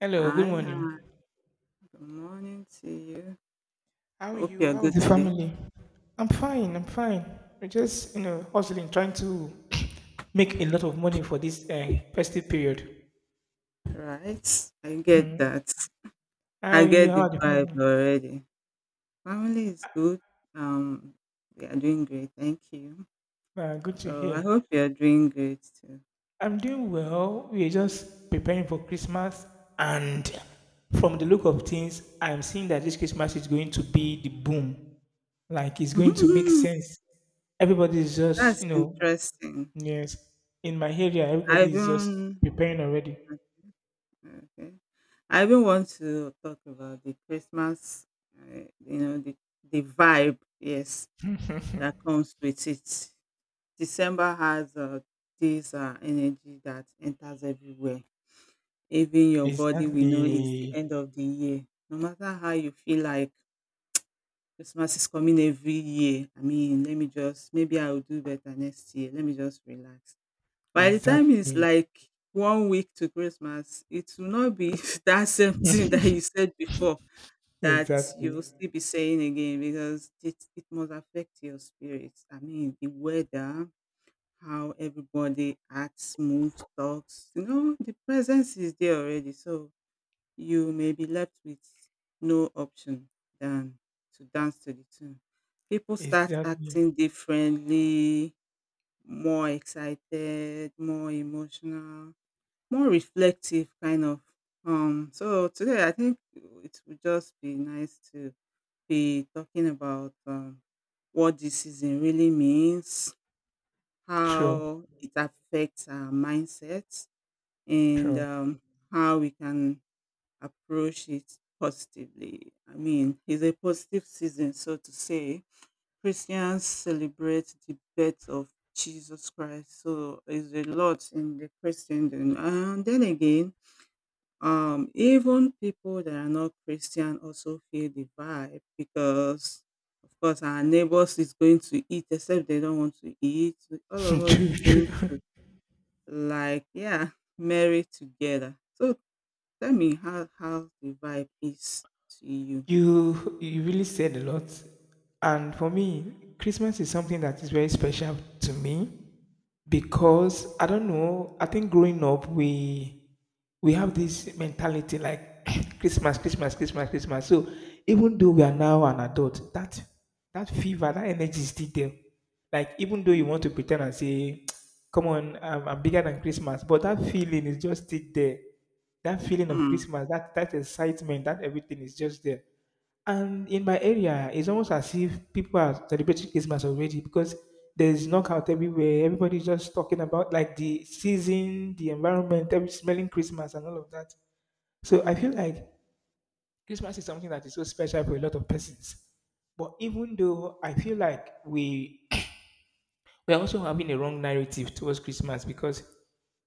Hello, good Hi, morning. hi. Good morning to you. How are Hope you? you're How is good the today. family? I'm fine. We're just, you know, hustling, trying to make a lot of money for this festive period. Right. I get Hmm. that. How I are you? get the How are the vibe family? already. Family is good. Um, we are doing great. Thank you. Good to So I hear. hope you're doing great too. I'm doing well. We're just preparing for Christmas, and from the look of things, I'm seeing that this Christmas is going to be the boom. Like, it's going to make sense. Everybody's just, That's you know, interesting. yes, in my area, I everybody is just even preparing already. Okay. I even want to talk about the Christmas. You know the vibe. Yes, that comes with it. December has this energy that enters everywhere. Even your body we know is the Exactly, end of the year. No matter how you feel like Christmas is coming every year. I mean, let me just maybe I'll do better next year. Let me just relax. By the time it's exactly, like 1 week to Christmas, it will not be that same thing that you said before that exactly, you'll still be saying again because it must affect your spirit. I mean, the weather, how everybody acts, moves, talks. You know, the presence is there already. So you may be left with no option than to dance to the tune. People start exactly. acting differently, more excited, more emotional, more reflective, kind of. So today I think it would just be nice to be talking about what this season really means, True, how it affects our mindset, and true, how we can approach it positively. I mean, it's a positive season, so to say. Christians celebrate the birth of Jesus Christ, so it's a lot in the Christendom. And then again, even people that are not Christian also feel the vibe because of course our neighbors is going to eat except they don't want to eat all of us is true, going to, like, yeah, married together. So tell me how the vibe is to you. You really said a lot, and for me, Christmas is something that is very special to me. Mm, Because I don't know, I think growing up we have this mentality like Christmas. So even though we are now an adult, that fever, that energy is still there. Like even though you mm, want to pretend and say, "Come on, I'm bigger than Christmas," but that feeling is just still there. That feeling of mm, Christmas, that excitement, that everything is just there. And in my area, it's almost as if people are celebrating Christmas already because there's knockout everywhere. Everybody's just talking about like the season, the environment, every smelling Christmas and all of that. So mm, I feel mm, like Christmas is something that is so special for a lot of persons. But even though I feel like we we're also having a wrong narrative towards Christmas because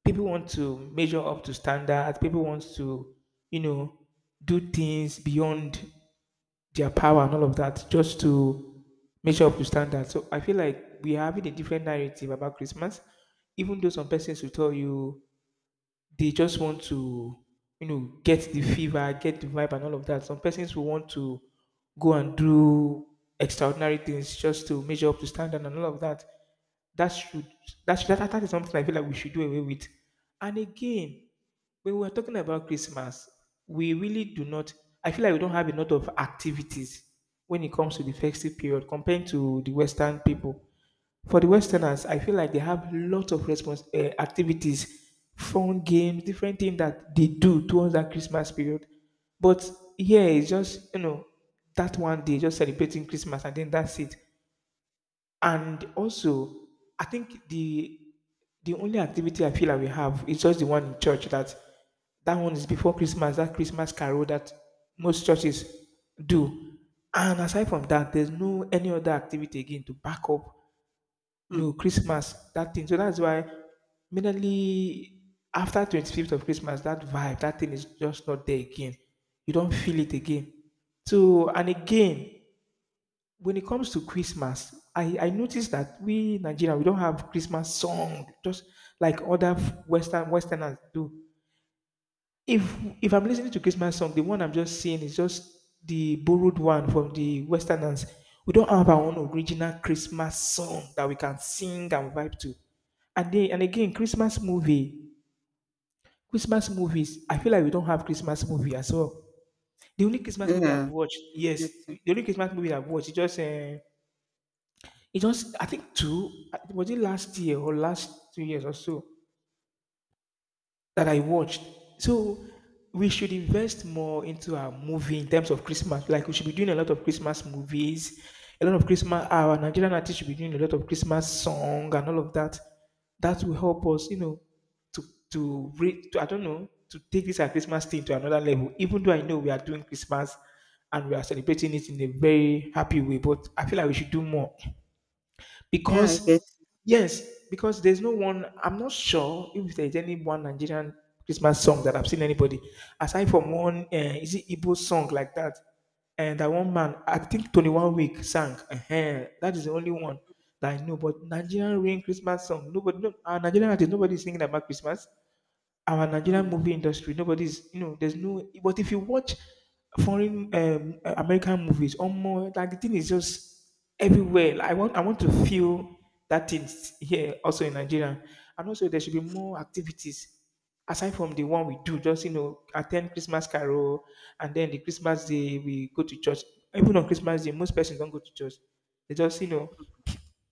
people want to measure up to standards, people want to, you know, do things beyond their power and all of that just to measure up to standards. So I feel like we are having a different narrative about Christmas, even though some persons will tell you they just want to, you know, get the fever, get the vibe, and all of that. Some persons will want to go and do extraordinary things just to measure up to standard and all of that. That should that is something I feel like we should do away with. And again, when we're talking about Christmas, we really do not. I feel like we don't have a lot of activities when it comes to the festive period compared to the Western people. For the Westerners, I feel like they have lots of response activities, fun games, different things that they do towards that Christmas period. But yeah, it's just you know that one day just celebrating Christmas and then that's it. And also, I think the only activity I feel that we have is just the one in church that that one is before Christmas, that Christmas carol that most churches do. And aside from that, there's no any other activity again to back up mm. no Christmas, that thing. So that's why mainly after 25th of Christmas, that vibe, that thing is just not there again. You don't feel it again. So and again, when it comes to Christmas, I noticed that we Nigeria we don't have Christmas song just like other Westerners do. If if I'm listening to Christmas song, the one I'm just seeing is just the borrowed one from the Westerners. We don't have our own original Christmas song that we can sing and vibe to. And then and again, Christmas movies. I feel like we don't have Christmas movie as well. The only Christmas movie I've Yeah, watched, I yes, get it. the only Christmas movie I've watched is just it just, I think two, was it last year or last 2 years or so that I watched. So we should invest more into our movie in terms of Christmas. Like we should be doing a lot of Christmas movies, a lot of Christmas. Our Nigerian artists should be doing a lot of Christmas song and all of that. That will help us, you know, to to I don't know to take this our Christmas thing to another level. Even though I know we are doing Christmas and we are celebrating it in a very happy way, but I feel like we should do more. Yeah, I get Because, it. yes, because there's no one, I'm not sure if there's any one Nigerian Christmas song that I've seen anybody, aside from one, is it Igbo song like that? And that one man, I think 21 Week sang. That is the only one that I know. But Nigerian rain Christmas song, nobody, no, Nigerian artist, nobody is singing about Christmas our Nigerian Mm, movie industry, nobody's, you know, there's no. But if you watch foreign American movies, or more, like the thing is just everywhere. Like, I want to feel that thing here also in Nigeria, and also there should be more activities aside from the one we do. Just you know, attend Christmas carol, and then the Christmas mm. day we go to church. Even on Christmas day, most persons don't go to church. They just you know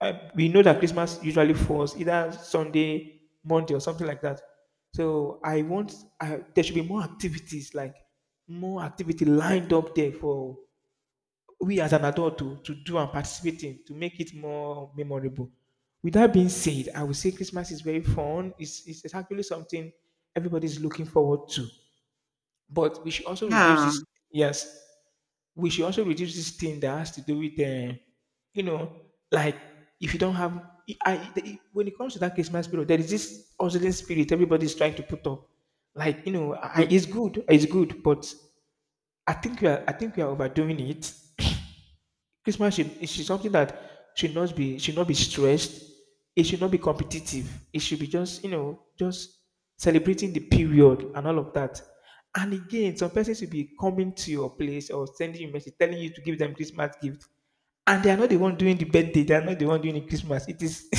we know that Christmas usually falls either Sunday, Monday, or something like that. So I want there should be more activities, like more activity lined up there for we as an adult to do and participate in to make it more memorable. With that being said, I would say Christmas is very fun. It's actually something everybody's looking forward to. But we should also reduce Yeah. this. Yes, we should also reduce this thing that has to do with, you know, like if you don't have, when it comes to that Christmas spirit, there is this hustling spirit everybody's trying to put up. Like you know, Mm, it's good, but I think we are overdoing it. Christmas should it should something that should not be stressed. It should not be competitive. It should be just you know just celebrating the period and all of that. And again, some persons will be coming to your place or sending you message telling you to give them Christmas gift, and they are not the one doing the birthday. They are not the one doing the Christmas. It is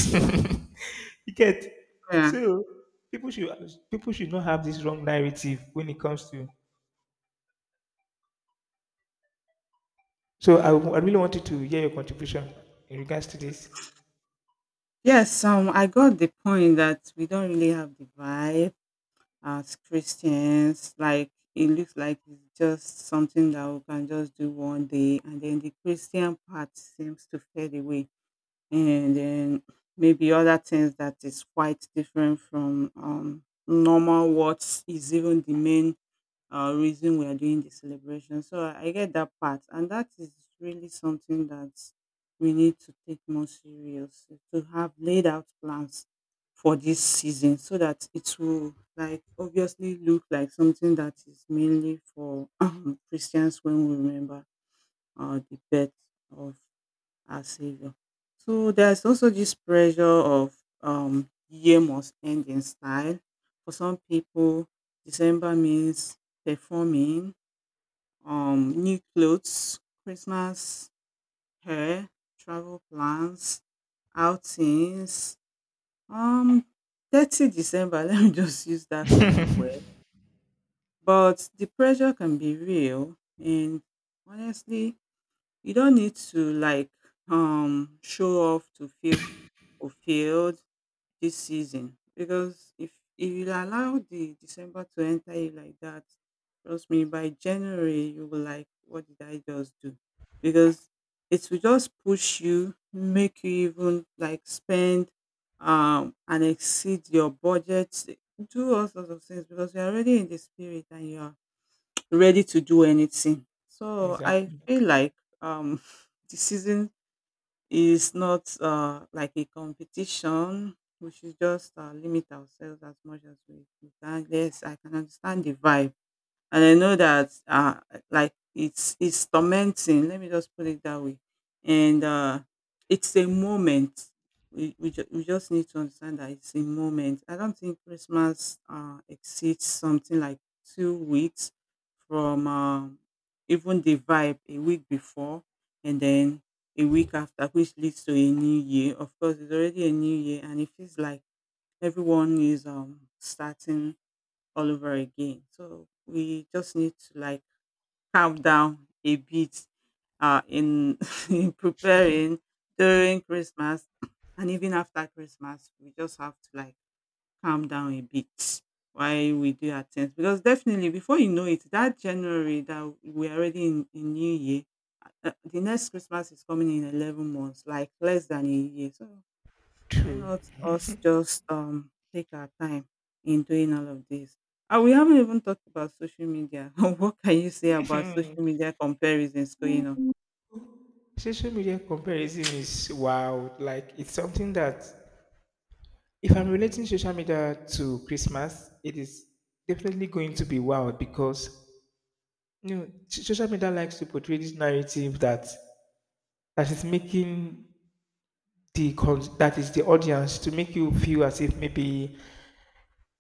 you get yeah. so people should people should not have this wrong narrative when it comes to. So I really wanted to hear your contribution in regards to this. Yes, I got the point that we don't really have the vibe as Christians. Like, it looks like it's just something that we can just do one day, and then the Christian part seems to fade away, and then maybe other things that is quite different from normal, what is even the main reason we are doing the celebration. So I get that part, and that is really something that we need to take more serious, to have laid out plans for this season so that it will, like, obviously look like something that is mainly for Christians when we remember the birth of our savior. So there's also this pressure of year must end in style. For some people, December means performing, new clothes, Christmas hair, travel plans, outings. Um 30 December, let me just use that common word. But the pressure can be real, and honestly you don't need to, like, show off to feel fulfilled this season, because if you allow the December to enter you like that, trust me, by January you will like, what did I just do? Because it will just push you, make you even like spend and exceed your budget, do all sorts of things because you're already in the spirit and you're ready to do anything. So I Exactly. feel like um, the season is not like a competition. We should just limit ourselves as much as we can. Yes, I can understand the vibe, and I know that like it's tormenting. Let me just put it that way. And it's a moment. We just need to understand that it's a moment. I don't think Christmas exceeds something like 2 weeks from even the vibe a week before and then a week after, which leads to a new year. Of course, it's already a new year, and it feels like everyone is starting all over again. So we just need to, like, calm down a bit in in preparing during Christmas and even after Christmas. We just have to, like, calm down a bit while we do our things because definitely before you know it, that January that we're already in New Year. The next Christmas is coming in 11 months, like less than a year. So why True. not us just take our time in doing all of this? And we haven't even talked about social media. What can you say about social media comparisons going on? Social media comparison is wild. Like it's something that if I'm relating social media to Christmas, it is definitely going to be wild because you know social media likes to portray this narrative that that is making the cons- that is the audience to make you feel as if maybe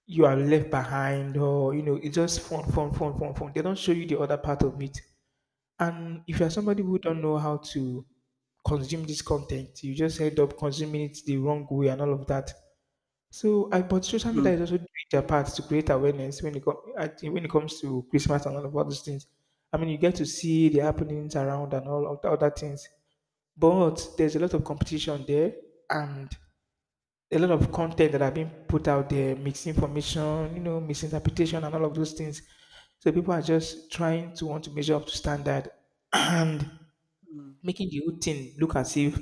you are left behind or you know it's just fun fun fun fun fun. They don't show you the other part of it. And if you're Mm, somebody who don't know how to consume this content, you just end up consuming it the wrong way and all of that. So I but social media mm, is also doing their part to create awareness when it comes to Christmas and all of all those things. I mean you get to see the happenings around and all of the other things. But there's a lot of competition there and a lot of content that are being put out there, misinformation, you know, misinterpretation and all of those things. So people are just trying to want to measure up to standard and mm. making the whole thing look as if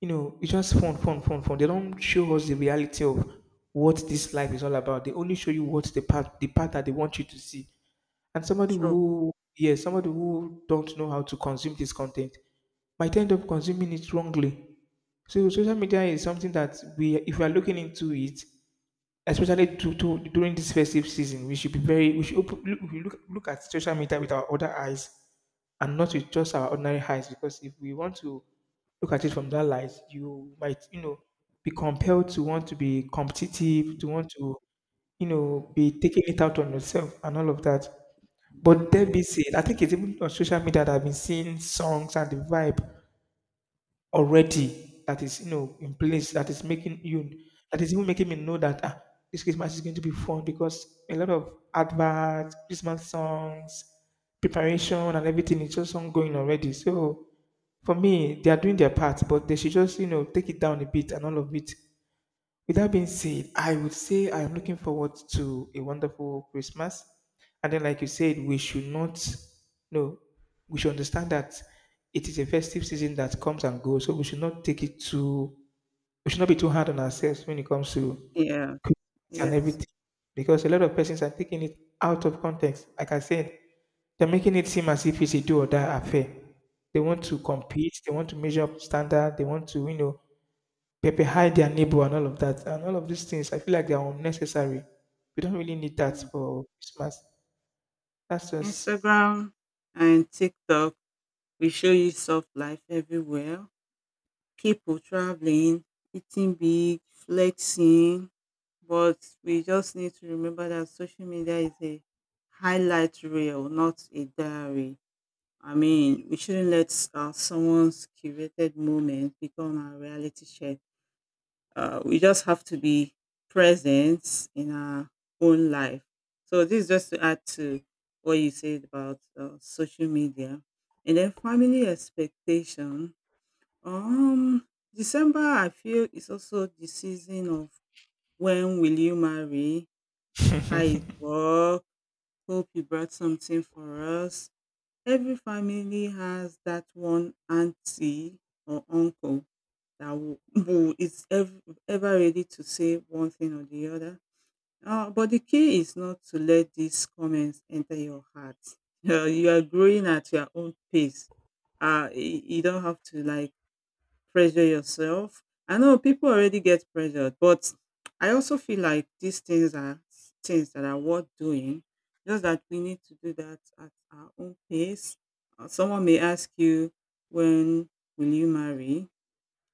you know it's just fun, fun, fun, fun. They don't show us the reality of what this life is all about. They only show you what the part that they want you to see. And True. Yeah, somebody who don't know how to consume this content might end up consuming it wrongly. So social media is something that we, if we are looking into it, especially during this festive season, we should be very, we should op- look, we look look at social media with our other eyes and not with just our ordinary eyes. Because if we want to look at it from that light, you might, you know, be compelled to want to be competitive, you know, be taking it out on yourself and all of that. But that be said, I think it's even on social media that I've been seeing songs and the vibe already that is you know in place that is even making me know that ah, this Christmas is going to be fun because a lot of adverts, Christmas songs, preparation and everything is just ongoing already. So for me, they are doing their part, but they should just you know take it down a bit and all of it. With that being said, I would say I'm looking forward to a wonderful Christmas. And then, like you said, we should not, no, we should understand that it is a festive season that comes and goes. So we should not take it too, we should not be too hard on ourselves when it comes to Yes. Christmas and Yes. everything. Because a lot of persons are taking it out of context. Like I said, they're making it seem as if it's a do or die affair. They want to Mm, compete, they want to measure up standard, they want to, you know, people hide their neighbor and all of that. And all of these things, I feel like they are unnecessary. We don't really need mm. that for Christmas. That's just Instagram and TikTok, we show you soft life everywhere. People traveling, eating big, flexing. But we just need to remember that social media is a highlight reel, not a diary. I mean, we shouldn't let someone's curated moment become our reality check. We just have to be present in our own life. So, this is just to add to what you said about social media. And then family expectation, um, December I feel is also the season of, when will you marry? How is work? Hope you brought something for us. Every family has that one auntie or uncle that will, who is ever, ever ready to say one thing or the other. But the key is not to let these comments enter your heart. You are growing at your own pace. You don't have to, like, pressure yourself. I know people already get pressured, but I also feel like these things are things that are worth doing. Just that we need to do that at our own pace. Someone may ask you, when will you marry?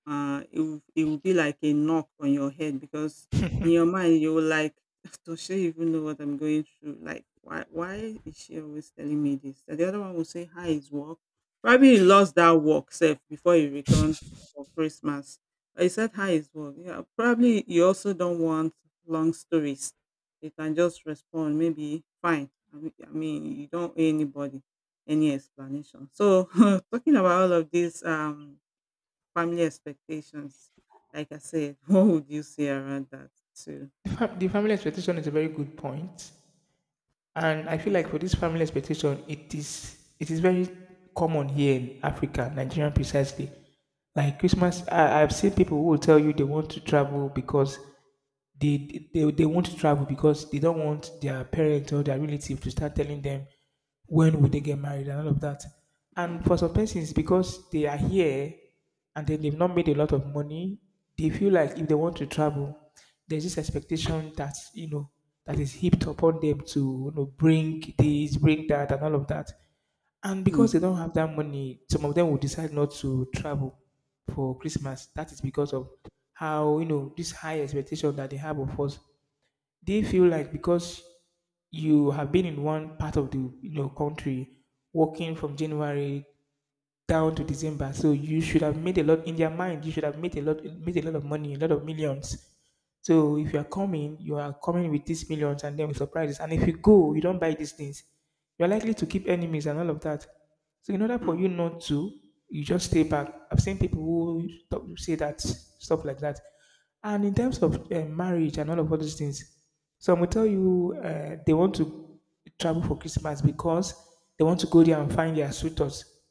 It will be like a knock on your head because in your mind you will like, does she even know what I'm going through? Like, why is she always telling me this? And the other one will say, hi is work. Probably he lost that work self before he returned for Christmas. I said hi is work. Yeah, probably you also don't want long stories. You can just respond, maybe fine. I mean, you don't owe anybody any explanation. So talking about all of this, family expectations, like I said, what would you say around that too? the family expectation is a very good point, and I feel Mm, like for this family expectation, it is very common here in Africa, Nigeria precisely. Like Christmas, I've seen people who will tell you they want to travel because they won't travel because they don't want their parents or their relative to start telling them when would they get married and all of that. mm, And for some persons, because they are here and then they've not made a lot of money, they feel like if they want to travel, there's this expectation that you know that is heaped upon them to you know bring this, bring that, and all of that. And because they mm, don't have that money, some of them will decide not to travel for Christmas. That is because of how, you know, this high expectation that they have of us. They feel like because you have been in one part of the you know country working from January down to December, so you should have made a lot in their mind, you should have made a lot of money, a lot of millions. So if you are coming, you are coming with these millions and then with surprises. And if you go, you don't buy these things, you're likely to keep enemies and all of that. So in order for mm, you not to, you just stay back. I've seen people who talk, say that stuff like that. And in terms of marriage and all of all these things, some will tell you they want to travel for Christmas because they want to go there and find their suitors.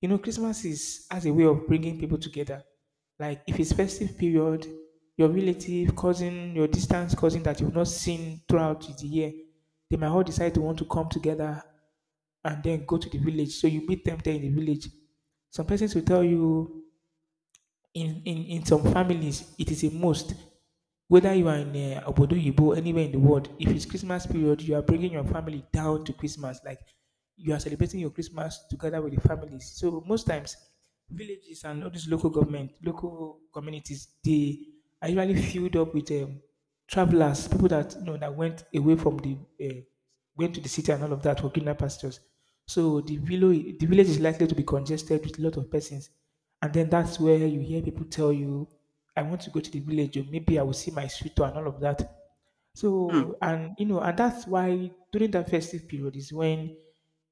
You know, Christmas is as a way of bringing people together. Like if it's festive period, your relative, cousin, your distant cousin that you've not seen throughout the year, they might all decide to want to come together and then go to the village. So you meet them there in the village. Some persons will tell you in some families, it is a must. Whether you are in Obodo Yibo, anywhere in the world, if it's Christmas mm, period, you are bringing your family down to Christmas. Like you are celebrating your Christmas together with the families. So most times, villages and all these local government, local communities, they are usually filled up with travelers, people that you know that went away from the went to the city and all of that for greener pastures. So the village is likely to be congested with a lot of persons, and then that's where you hear people tell you, "I want to go to the village, or maybe I will see my sweetheart and all of that." mm, So and you know, and that's why during that festive period is when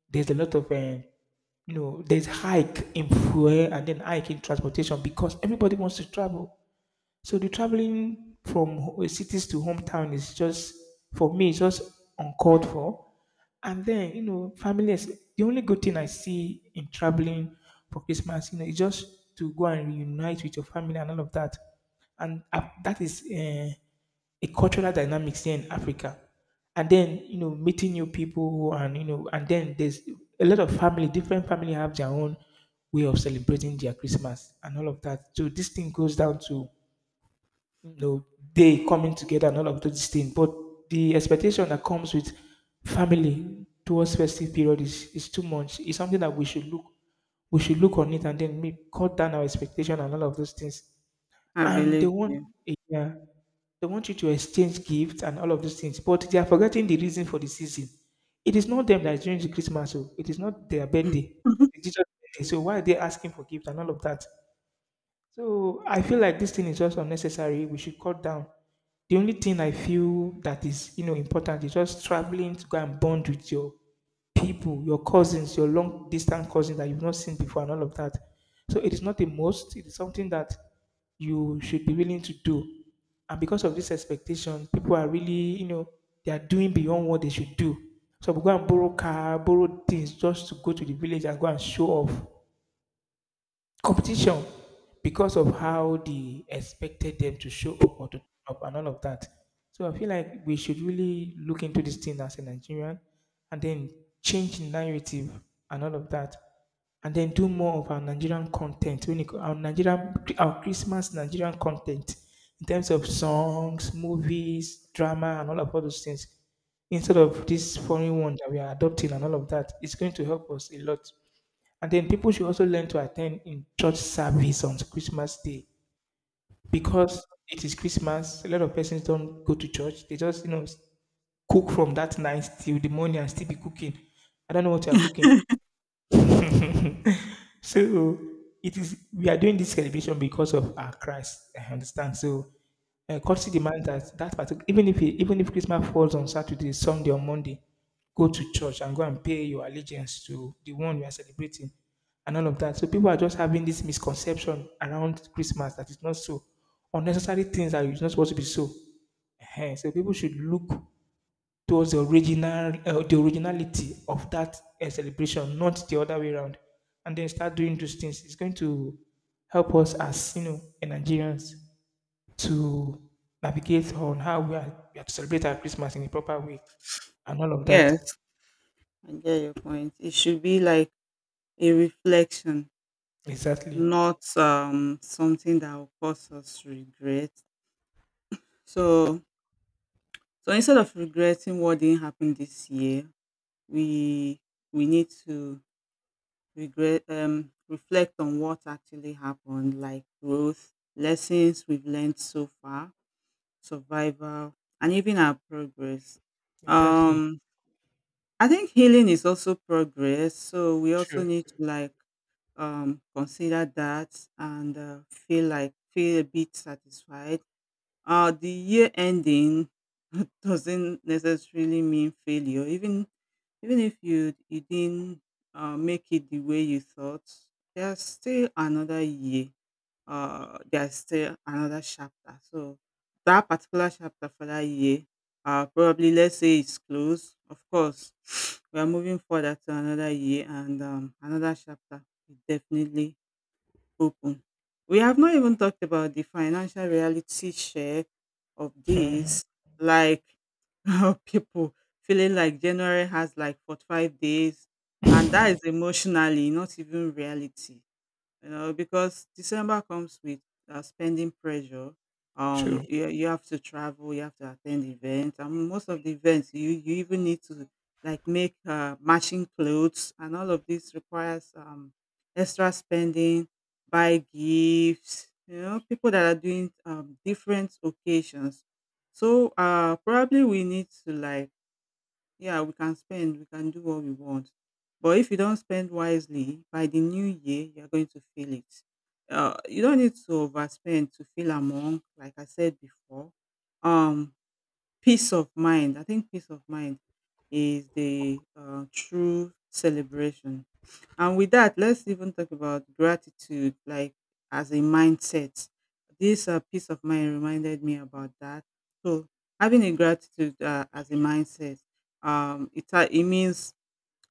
there's a lot of you know there's hike in fuel and then hike in transportation because everybody wants to travel. So the mm. traveling from cities to hometown is just for me, it's just uncalled for. And then you know, family is the only good thing I see in traveling for Christmas. You know, is just to go and reunite with your family and all of that. And that is a cultural dynamics here in Africa. And then you know, meeting new people, and you know, and then there's a lot of family. Different family have their own way of celebrating their Christmas and all of that. So this thing goes down to no day coming together and all of those things. But the expectation that comes with family towards festive period is too much. It's something that we should look on it and then maybe cut down our expectation and all of those things. I And they believe want you. yeah, they want you to exchange gifts and all of those things. But they are forgetting the reason for the season. It is not them that is doing the Christmas, so it is not their birthday. It's Jesus' birthday. So why are they asking for gifts and all of that? So I feel like this thing is just unnecessary. We should cut down. The only thing I feel that is you know important is just traveling to go and bond with your people, your cousins, your long distance cousins that you've not seen before, and all of that. So it is not a must. It is something that you should be willing to do. And because of this expectation, people are really you know they are doing beyond what they should do. So we go and borrow car, borrow things just to go to the village and go and show off competition because of how they expected them to show up or to turn up and all of that. So I feel like we should really look into this thing as a Nigerian and then change the narrative and all of that. And then do more of our Nigerian content, when it, our Nigerian, our Christmas Nigerian content in terms of songs, movies, drama, and all of all those things. Instead of this foreign one that we are adopting and all of that, it's going to help us a lot. And then people should also learn to attend in church service on Christmas Day Mm. because it is Christmas. A lot of persons don't go to church. They just, you know, cook from that night till the morning and still be cooking. I don't know what you are cooking. So it is we are doing this celebration because of our Christ. I understand. So courtesy demands that that particular even if it, even if Christmas falls on Saturday, Sunday, or Monday, go to church and go and pay your allegiance to the one you are celebrating, and all of that. So people are just having this misconception around Christmas that it's not so unnecessary things that are not supposed to be so. Ehen, so people should look it was the original the originality of that celebration, not the other way around. And then start doing those things. It's going to help us as you know, in Nigerians to navigate on how we are to celebrate our Christmas in a proper way and all of that. Yes, I get your point. It should be like a reflection, Exactly, not something that will cause us regret. So so instead of regretting what didn't happen this year, we we need to regret reflect on what actually happened, like growth, lessons we've learned so far, survival, and even our progress. exactly. um I think healing is also progress, so we also True. need to, like, consider that and feel a bit satisfied. The year ending doesn't necessarily mean failure, even if you didn't make it the way you thought. There's still another year. There's still another chapter. So that particular chapter for that year, probably let's say it's closed. Of course, we are moving further to another year, and another chapter is definitely open. We have not even talked about the financial reality share of Mhm. this. Like, people feeling like January has like 45 days, and that is emotionally, not even reality, you know, because December comes with spending pressure. True. You have to travel, you have to attend events, and most of the events you even need to, like, make matching clothes, and all of this requires extra spending, buy gifts. You know, people that are doing different occasions. So probably we need to, like, yeah, we can spend, we can do what we want. But if you don't spend wisely, by the new year, you're going to feel it. You don't need to overspend to feel among, like I said before. Um, peace of mind. I think peace of mind is the true celebration, and with that, let's even talk about gratitude, like as a mindset. This peace of mind reminded me about that. So having a gratitude as a mindset, it means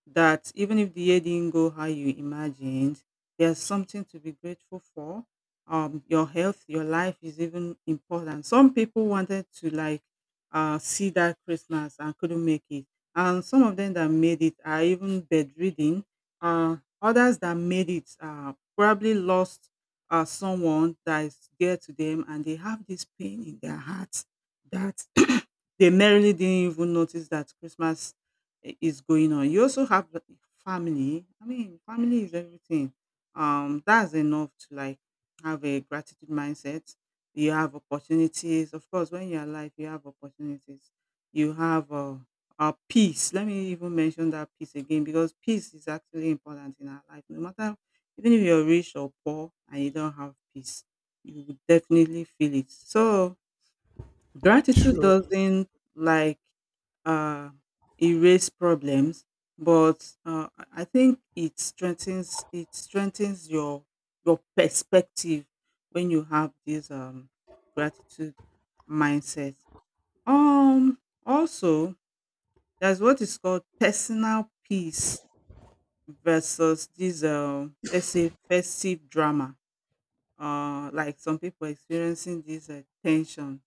that even if the year didn't go how you imagined, there's something to be grateful for. Your health, your life is even important. Some people wanted to, like, see that Christmas and couldn't make it, and some of them that made it are even bedridden. Others that made it probably lost someone that is dear to them, and they have this pain in their hearts that they merely didn't even notice that Christmas is going on. You also have the family. I mean, family is everything. That's enough to, like, have a gratitude mindset. You have opportunities, of course. When you're alive, you have opportunities. You have peace. Let me even mention that peace again because peace is actually important in our life. No matter, even if you're rich or poor and you don't have peace, you will definitely feel it. So gratitude True. doesn't, like, uh, erase problems, but I think it strengthens your perspective when you have this gratitude mindset. Um, also, there's what is called personal peace versus this let's say festive drama. Like some people experiencing this tension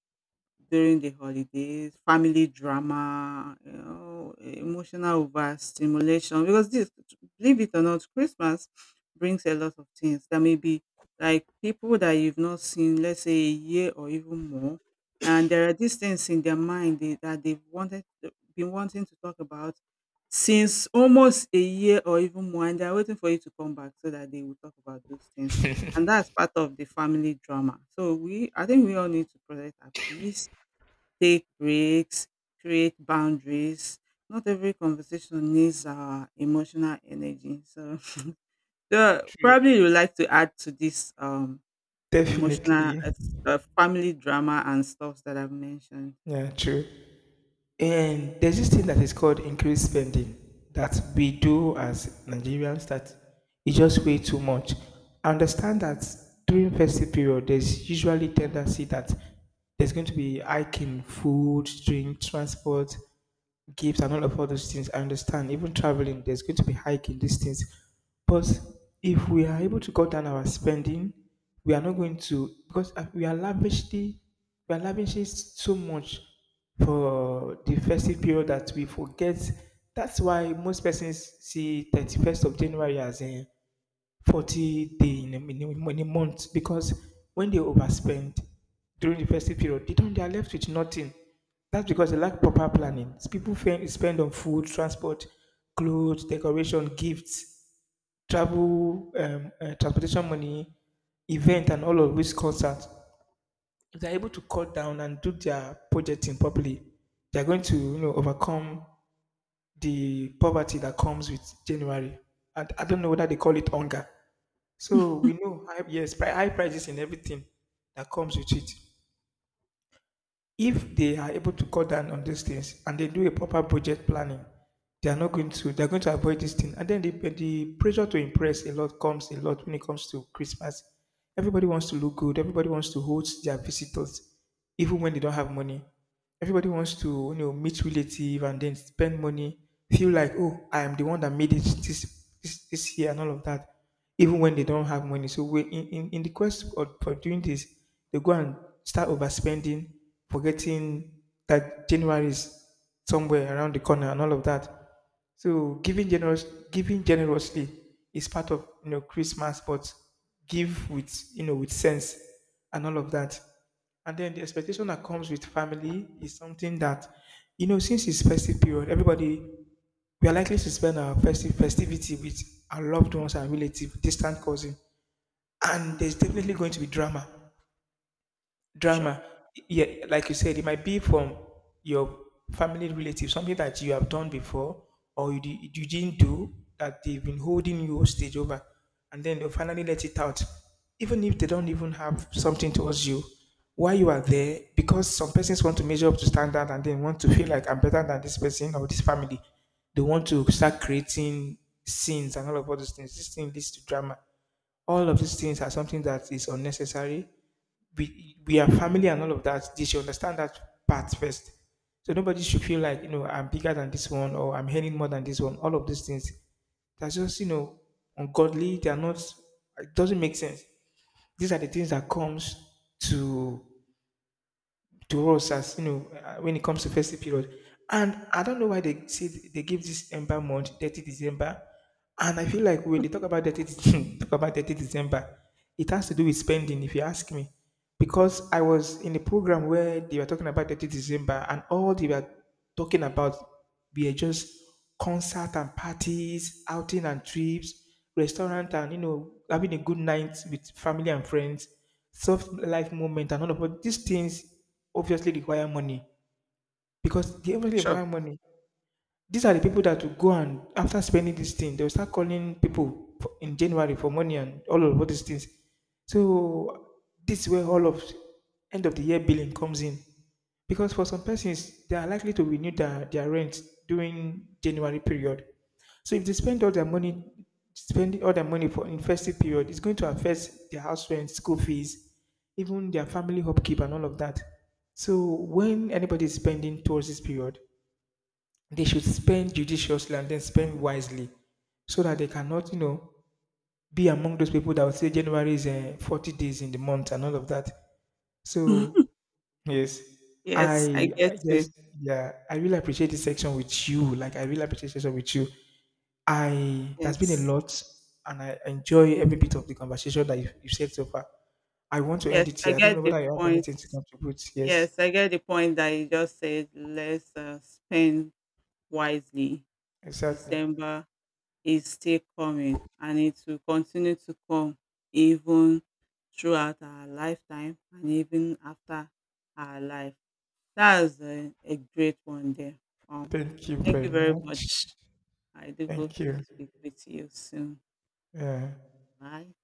during the holidays, family drama, you know, emotional overstimulation. Because this, believe it or not, Christmas brings a lot of things, that may be like people that you've not seen, let's say a year or even more. And there are these things in their mind that they've wanted, been wanting to talk about since almost a year or even more. And they're waiting for you to come back so that they will talk about those things, and that's part of the family drama. So we, I think, we all need to protect our peace, take breaks, create boundaries. Not every conversation needs our emotional energy. So yeah, probably you True. would like to add to this emotional, Definitely. Family drama and stuff that I've mentioned. Yeah. True. And there's this thing that is called increased spending that we do as Nigerians that is just way too much. I understand that during festive period, there's usually tendency that there's going to be hiking food, drink, transport, gifts and all of all those things. I understand. Even traveling, there's going to be hiking these things. But if we are able to cut down our spending, we are not going to because we are lavishing so much for the festive period that we forget. That's why most persons see 31st of January as in 40 day in in a month because when they overspend during the festive period, they don't, they are left with nothing. That's because they lack proper planning. People spend on food, transport, clothes, decoration, gifts, travel, transportation money, event, and all of which concerns. If they're able to cut down and do their projecting properly, they're going to you know overcome the poverty that comes with January. And I don't know whether they call it hunger. So we know high, yes, high prices in everything that comes with it. If they are able to cut down on these things and they do a proper budget planning, they are not going to. They are going to avoid this thing. And then the pressure to impress a lot comes a lot when it comes to Christmas. Everybody wants to look good. Everybody wants to host their visitors, even when they don't have money. Everybody wants to you know meet relative and then spend money. Feel like oh, I am the one that made it this year and all of that even when they don't have money. So we in the quest for doing this, they go and start overspending, forgetting that January is somewhere around the corner and all of that. So giving generously is part of Christmas, but give with sense and all of that. And then the expectation that comes with family is something that, since it's festive period, everybody we are likely to spend our festive festivity with our loved ones and relatives, distant cousin, and Hmm, there's definitely going to be drama. sure, Drama. Yeah, like you said, it might be from your family relative, something that you have done before or you didn't do that they've been holding you hostage over, and then they'll finally let it out. Even if they don't even have something towards you, while you are there, because some persons want to measure up to standard and then want to feel like I'm better than this person or this family, they want to start creating scenes and all of all those things. This thing leads to drama. All of these things are something that is unnecessary. We are family and all of that. They should understand that part first. So nobody should feel like I'm bigger than this one or I'm earning more than this one. All of these things. That's just ungodly. They are not. It doesn't make sense. These are the things that comes to to us as when it comes to festive period. And I don't know why they say they give this Ember month, 30 December. And I feel like when they talk about 30, talk about 30 December, it has to do with spending, if you ask me. Because I was in a program where they were talking about 30 December and all they were talking about were just concert and parties, outing and trips, restaurant and, having a good night with family and friends, soft life moment and all of all these things obviously require money because they obviously sure. require money. These are the people that will go and after spending this thing, they'll start calling people in January for money and all of all these things. So this is where all of end of the year billing comes in. Because for some persons, they are likely to renew their rent during January period. So if they spend all their money, spending all their money for in festive period, it's going to affect their house rent, school fees, even their family upkeep and all of that. So when anybody is spending towards this period, they should spend judiciously and then spend wisely so that they cannot, be among those people that will say January is 40 days in the month and all of that. So, yes, Yes, I get I you. yes, yeah, I really appreciate this section with you. Like, I really appreciate this section with you. There's been a Yes, lot and I enjoy every bit of the conversation that you've said so far. I want to yes, end it I here. I don't know get the whether you have point. anything to contribute. Yes, Yes, I get the point that you just said. Let's spend wisely. exactly. December is still coming, and it will continue to come even throughout our lifetime and even after our life. That's a great one there. Um, Thank you thank very you very much. much. I do hope Thank to you. speak with you soon. Yeah. Bye.